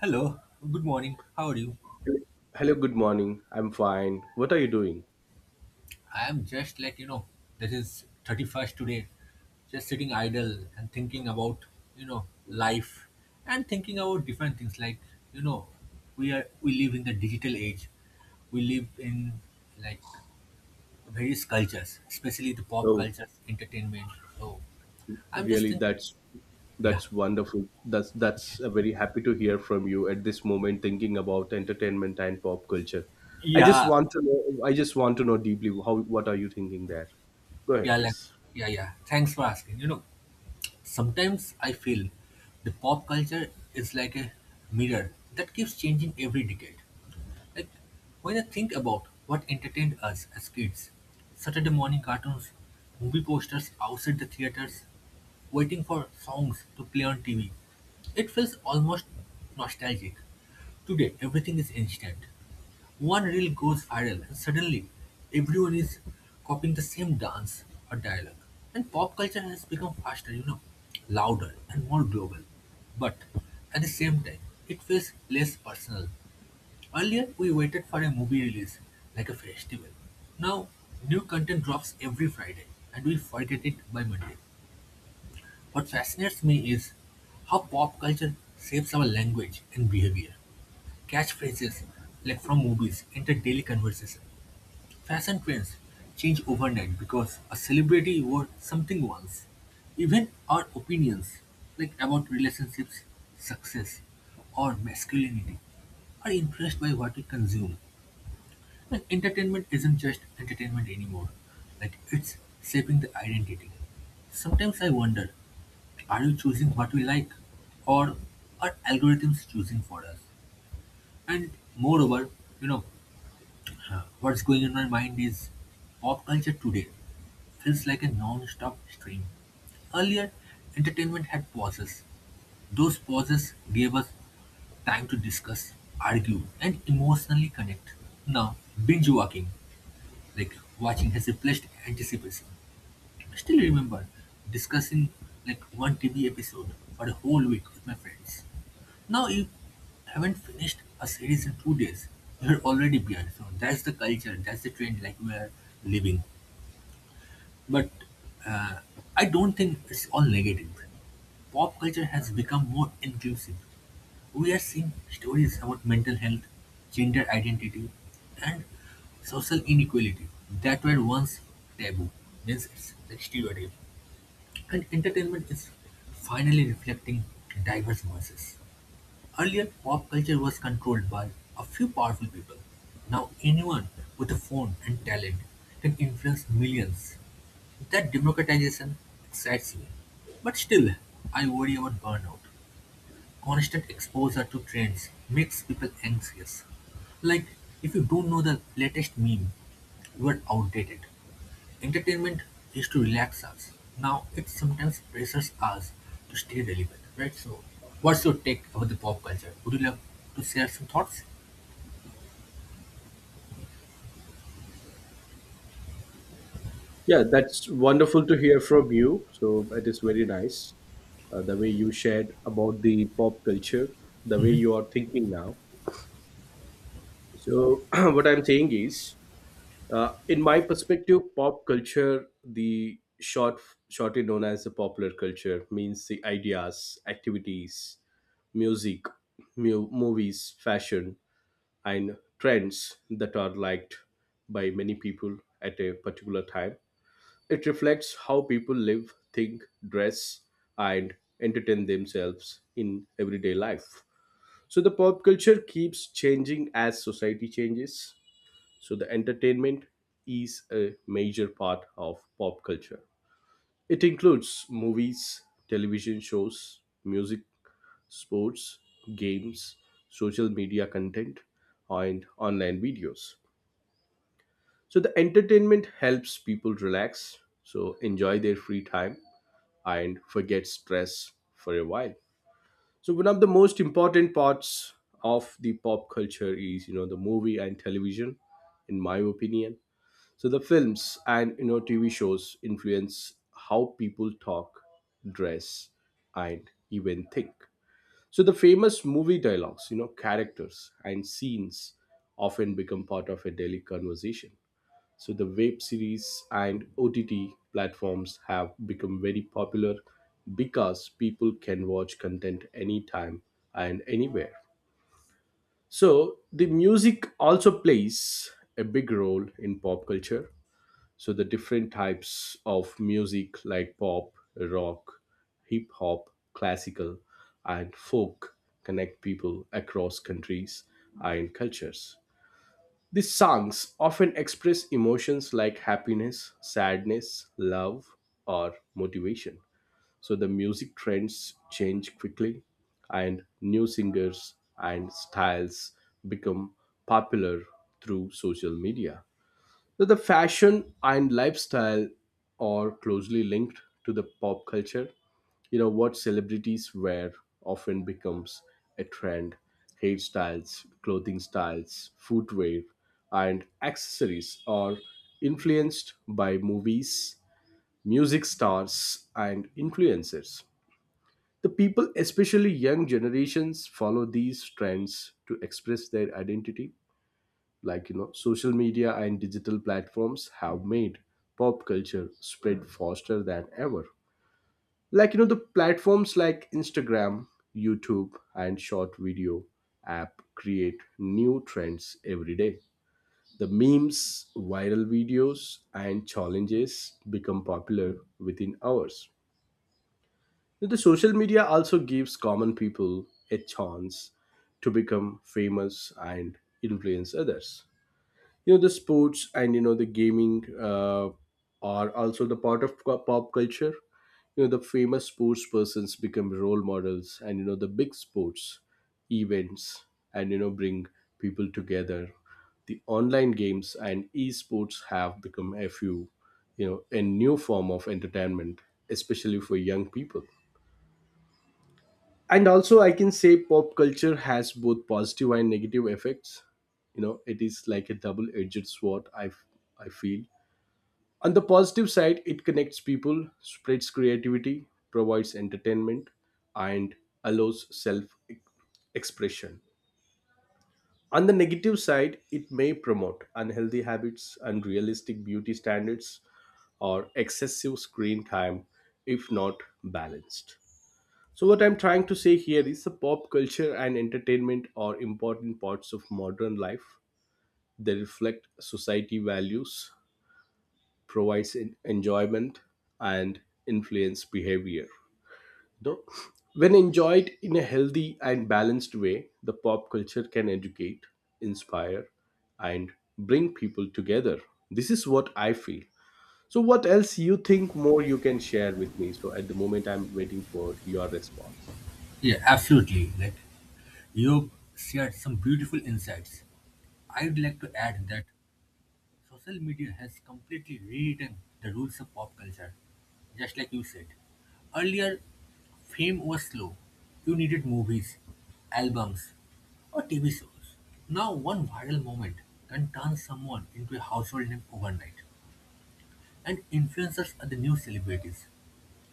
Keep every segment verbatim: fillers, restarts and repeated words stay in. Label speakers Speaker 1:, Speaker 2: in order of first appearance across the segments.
Speaker 1: Hello, good morning. How are you?
Speaker 2: Hello, good morning. I'm fine. What are you doing?
Speaker 1: I am just like, you know, this is thirty-first today, just sitting idle and thinking about, you know, life and thinking about different things like, you know, we are we live in the digital age. We live in like various cultures, especially the pop
Speaker 2: Oh,
Speaker 1: cultures, entertainment. So I'm just
Speaker 2: really?
Speaker 1: thinking,
Speaker 2: That's
Speaker 1: yeah,
Speaker 2: that's wonderful. That's that's uh, Very happy to hear from you at this moment thinking about entertainment and pop culture. I just
Speaker 1: yeah,
Speaker 2: want to know I just want to know deeply how what are you thinking there? Go ahead,
Speaker 1: yeah, like,
Speaker 2: please.
Speaker 1: yeah, yeah. Thanks for asking. You know, Sometimes I feel the pop culture is like a mirror that keeps changing every decade. Like, when I think about what entertained us as kids, Saturday morning cartoons, movie posters outside the theaters, waiting for songs to play on T V, it feels almost nostalgic. Today, everything is instant. One reel goes viral, and suddenly everyone is copying the same dance or dialogue. And pop culture has become faster, you know, louder and more global. But at the same time, it feels less personal. Earlier, we waited for a movie release like a festival. Now, new content drops every Friday and we forget it by Monday. What fascinates me is how pop culture shapes our language and behavior. Catchphrases like from movies enter daily conversation. Fashion trends change overnight because a celebrity wore something once. Even our opinions, like about relationships, success, or masculinity, are influenced by what we consume. Like entertainment isn't just entertainment anymore. Like it's shaping the identity. Sometimes I wonder, are you choosing what we like? Or are algorithms choosing for us? And moreover, you know, what's going in my mind is pop culture today feels like a non-stop stream. Earlier, entertainment had pauses. Those pauses gave us time to discuss, argue, and emotionally connect. Now, binge walking. Like watching has replaced anticipation. I still remember discussing like one T V episode for a whole week with my friends. Now you haven't finished a series in two days. You're already behind. So that's the culture, that's the trend like we are living. But uh, I don't think it's all negative. Pop culture has become more inclusive. We are seeing stories about mental health, gender identity, and social inequality that were once taboo. Means it's a stereotype. And entertainment is finally reflecting diverse voices. Earlier, pop culture was controlled by a few powerful people. Now, anyone with a phone and talent can influence millions. That democratization excites me. But still, I worry about burnout. Constant exposure to trends makes people anxious. Like, if you don't know the latest meme, you are outdated. Entertainment used to relax us. Now it sometimes pressures us to stay relevant, right? So, what's your take about the pop culture? Would you love to share some thoughts?
Speaker 2: Yeah, that's wonderful to hear from you. So it is very nice uh, the way you shared about the pop culture, the way you are thinking now. So what I'm saying is Uh, in my perspective, pop culture, the short, shortly known as the popular culture, means the ideas, activities, music, mu- movies, fashion, and trends that are liked by many people at a particular time. It reflects how people live, think, dress, and entertain themselves in everyday life. So the pop culture keeps changing as society changes, so the entertainment is a major part of pop culture. It includes movies, television shows, music, sports, games, social media content, and online videos. So, the entertainment helps people relax, so enjoy their free time, and forget stress for a while. So, one of the most important parts of the pop culture is, you know, the movie and television, in my opinion. So the films and you know T V shows influence how people talk, dress, and even think. So the famous movie dialogues, you know, characters and scenes often become part of a daily conversation. So the web series and O T T platforms have become very popular because people can watch content anytime and anywhere. So the music also plays a big role in pop culture, so the different types of music like pop, rock, hip hop, classical, and folk connect people across countries and cultures. These songs often express emotions like happiness, sadness, love, or motivation. So the music trends change quickly and new singers and styles become popular through social media. So the fashion and lifestyle are closely linked to the pop culture. You know what celebrities wear often becomes a trend. Hairstyles, clothing styles, footwear, and accessories are influenced by movies, music stars, and influencers. The people, especially young generations, follow these trends to express their identity. Like you know, social media and digital platforms have made pop culture spread faster than ever. Like you know, the platforms like instagram, youtube, and short video app create new trends every day. The memes, viral videos, and challenges become popular within hours. The social media also gives common people a chance to become famous and influence others. You know, the sports and you know the gaming uh, are also the part of co- pop culture. You know, the famous sports persons become role models, and you know the big sports events and you know bring people together. The online games and esports have become a few you know a new form of entertainment, especially for young people. And also I can say pop culture has both positive and negative effects. You know, it is like a double edged sword, i i feel. On the positive side, it connects people, spreads creativity, provides entertainment, and allows self expression. On the negative side, it may promote unhealthy habits, unrealistic beauty standards, or excessive screen time if not balanced. So, what I'm trying to say here is the pop culture and entertainment are important parts of modern life. They reflect society values, provides en- enjoyment, and influence behavior. No, when enjoyed in a healthy and balanced way, the pop culture can educate, inspire, and bring people together. This is what I feel. So, what else you think more you can share with me? So, at the moment, I'm waiting for your response.
Speaker 1: Yeah, absolutely. Like you've shared some beautiful insights. I'd like to add that social media has completely rewritten the rules of pop culture, just like you said. Earlier, fame was slow. You needed movies, albums, or T V shows. Now, one viral moment can turn someone into a household name overnight, and influencers are the new celebrities.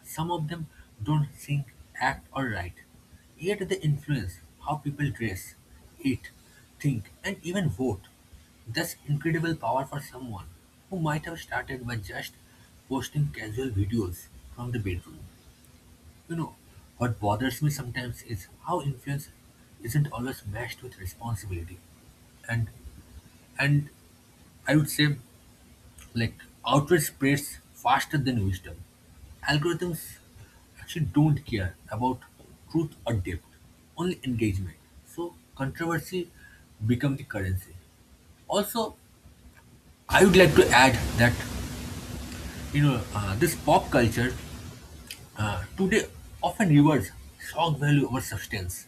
Speaker 1: Some of them don't sing, act, or write, yet they influence how people dress, eat, think, and even vote. That's incredible power for someone who might have started by just posting casual videos from the bedroom. You know, what bothers me sometimes is how influence isn't always matched with responsibility. And and I would say like outrage spreads faster than wisdom. Algorithms actually don't care about truth or depth, only engagement. So controversy become the currency. Also, I would like to add that you know uh, this pop culture uh, today often rewards shock value over substance.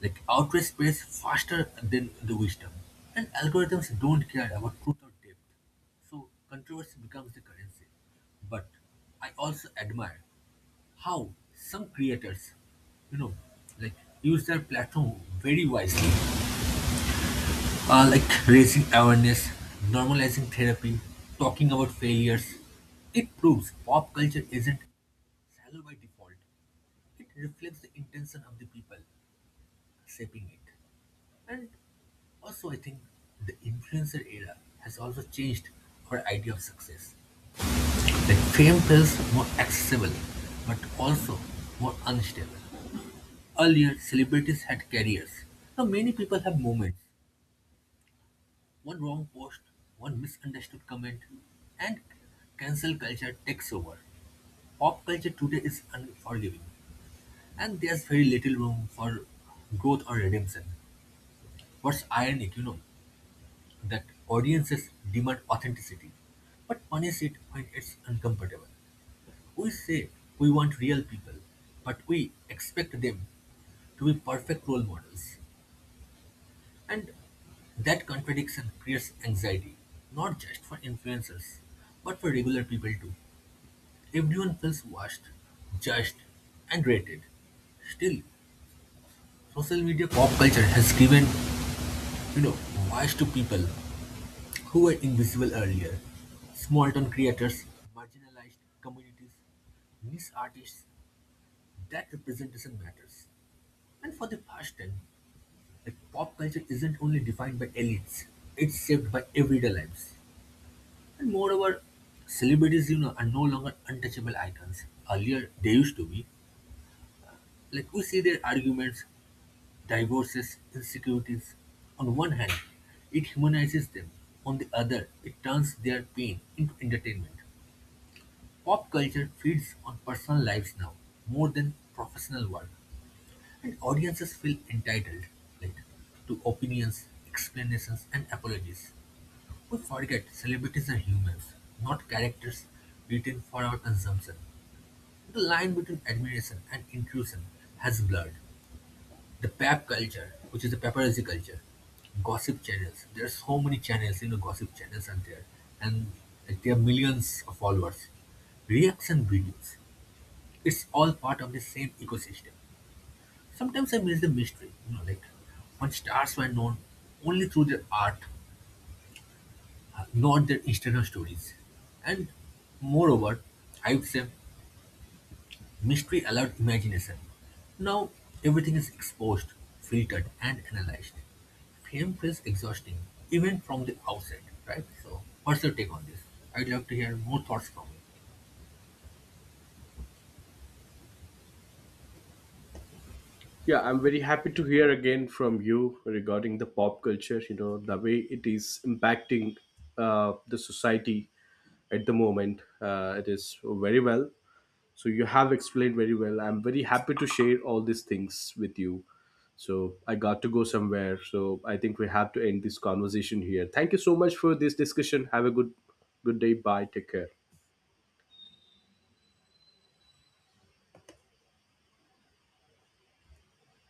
Speaker 1: Like outrage spreads faster than the wisdom, and algorithms don't care about truth or depth. So controversy becomes the currency. But I also admire how some creators, you know, like use their platform very wisely, uh, like raising awareness, normalizing therapy, talking about failures. It proves pop culture isn't shallow by default. It reflects the intention of the people shaping it. And also, I think the influencer era has also changed our idea of success. Like fame feels more accessible, but also more unstable. Earlier, celebrities had careers. Now many people have moments. One wrong post, one misunderstood comment, and cancel culture takes over. Pop culture today is unforgiving, and there's very little room for growth or redemption. What's ironic, you know? That audiences demand authenticity, but punish it when it's uncomfortable. We say we want real people, but we expect them to be perfect role models. And that contradiction creates anxiety, not just for influencers, but for regular people too. Everyone feels watched, judged, and rated. Still, social media pop culture has given, you know, voice to people who were invisible earlier. Small-town creators, marginalized communities, niche artists, that representation matters. And for the first time, like pop culture isn't only defined by elites, it's shaped by everyday lives. And moreover, celebrities, you know, are no longer untouchable icons. Earlier, they used to be. Like we see their arguments, divorces, insecurities. On one hand, it humanizes them. On the other, it turns their pain into entertainment. Pop culture feeds on personal lives now more than professional work, and audiences feel entitled like to opinions, explanations, and apologies. We forget celebrities are humans, not characters written for our consumption. The line between admiration and intrusion has blurred. The pap culture, which is the paparazzi culture, gossip channels. There are so many channels, you know, gossip channels are there, and like, there are millions of followers. Reaction videos, it's all part of the same ecosystem. Sometimes I miss the mystery, you know, like when stars were known only through their art, uh, not their Instagram stories. And moreover, I would say mystery allowed imagination. Now everything is exposed, filtered, and analyzed. Fame feels exhausting, even from the outside, right? So, what's your take on this? I'd love to hear more thoughts from you.
Speaker 2: Yeah, I'm very happy to hear again from you regarding the pop culture, you know, the way it is impacting uh, the society at the moment. Uh, it is very well. So you have explained very well. I'm very happy to share all these things with you. So I got to go somewhere. So I think we have to end this conversation here. Thank you so much for this discussion. Have a good good day. Bye. Take care.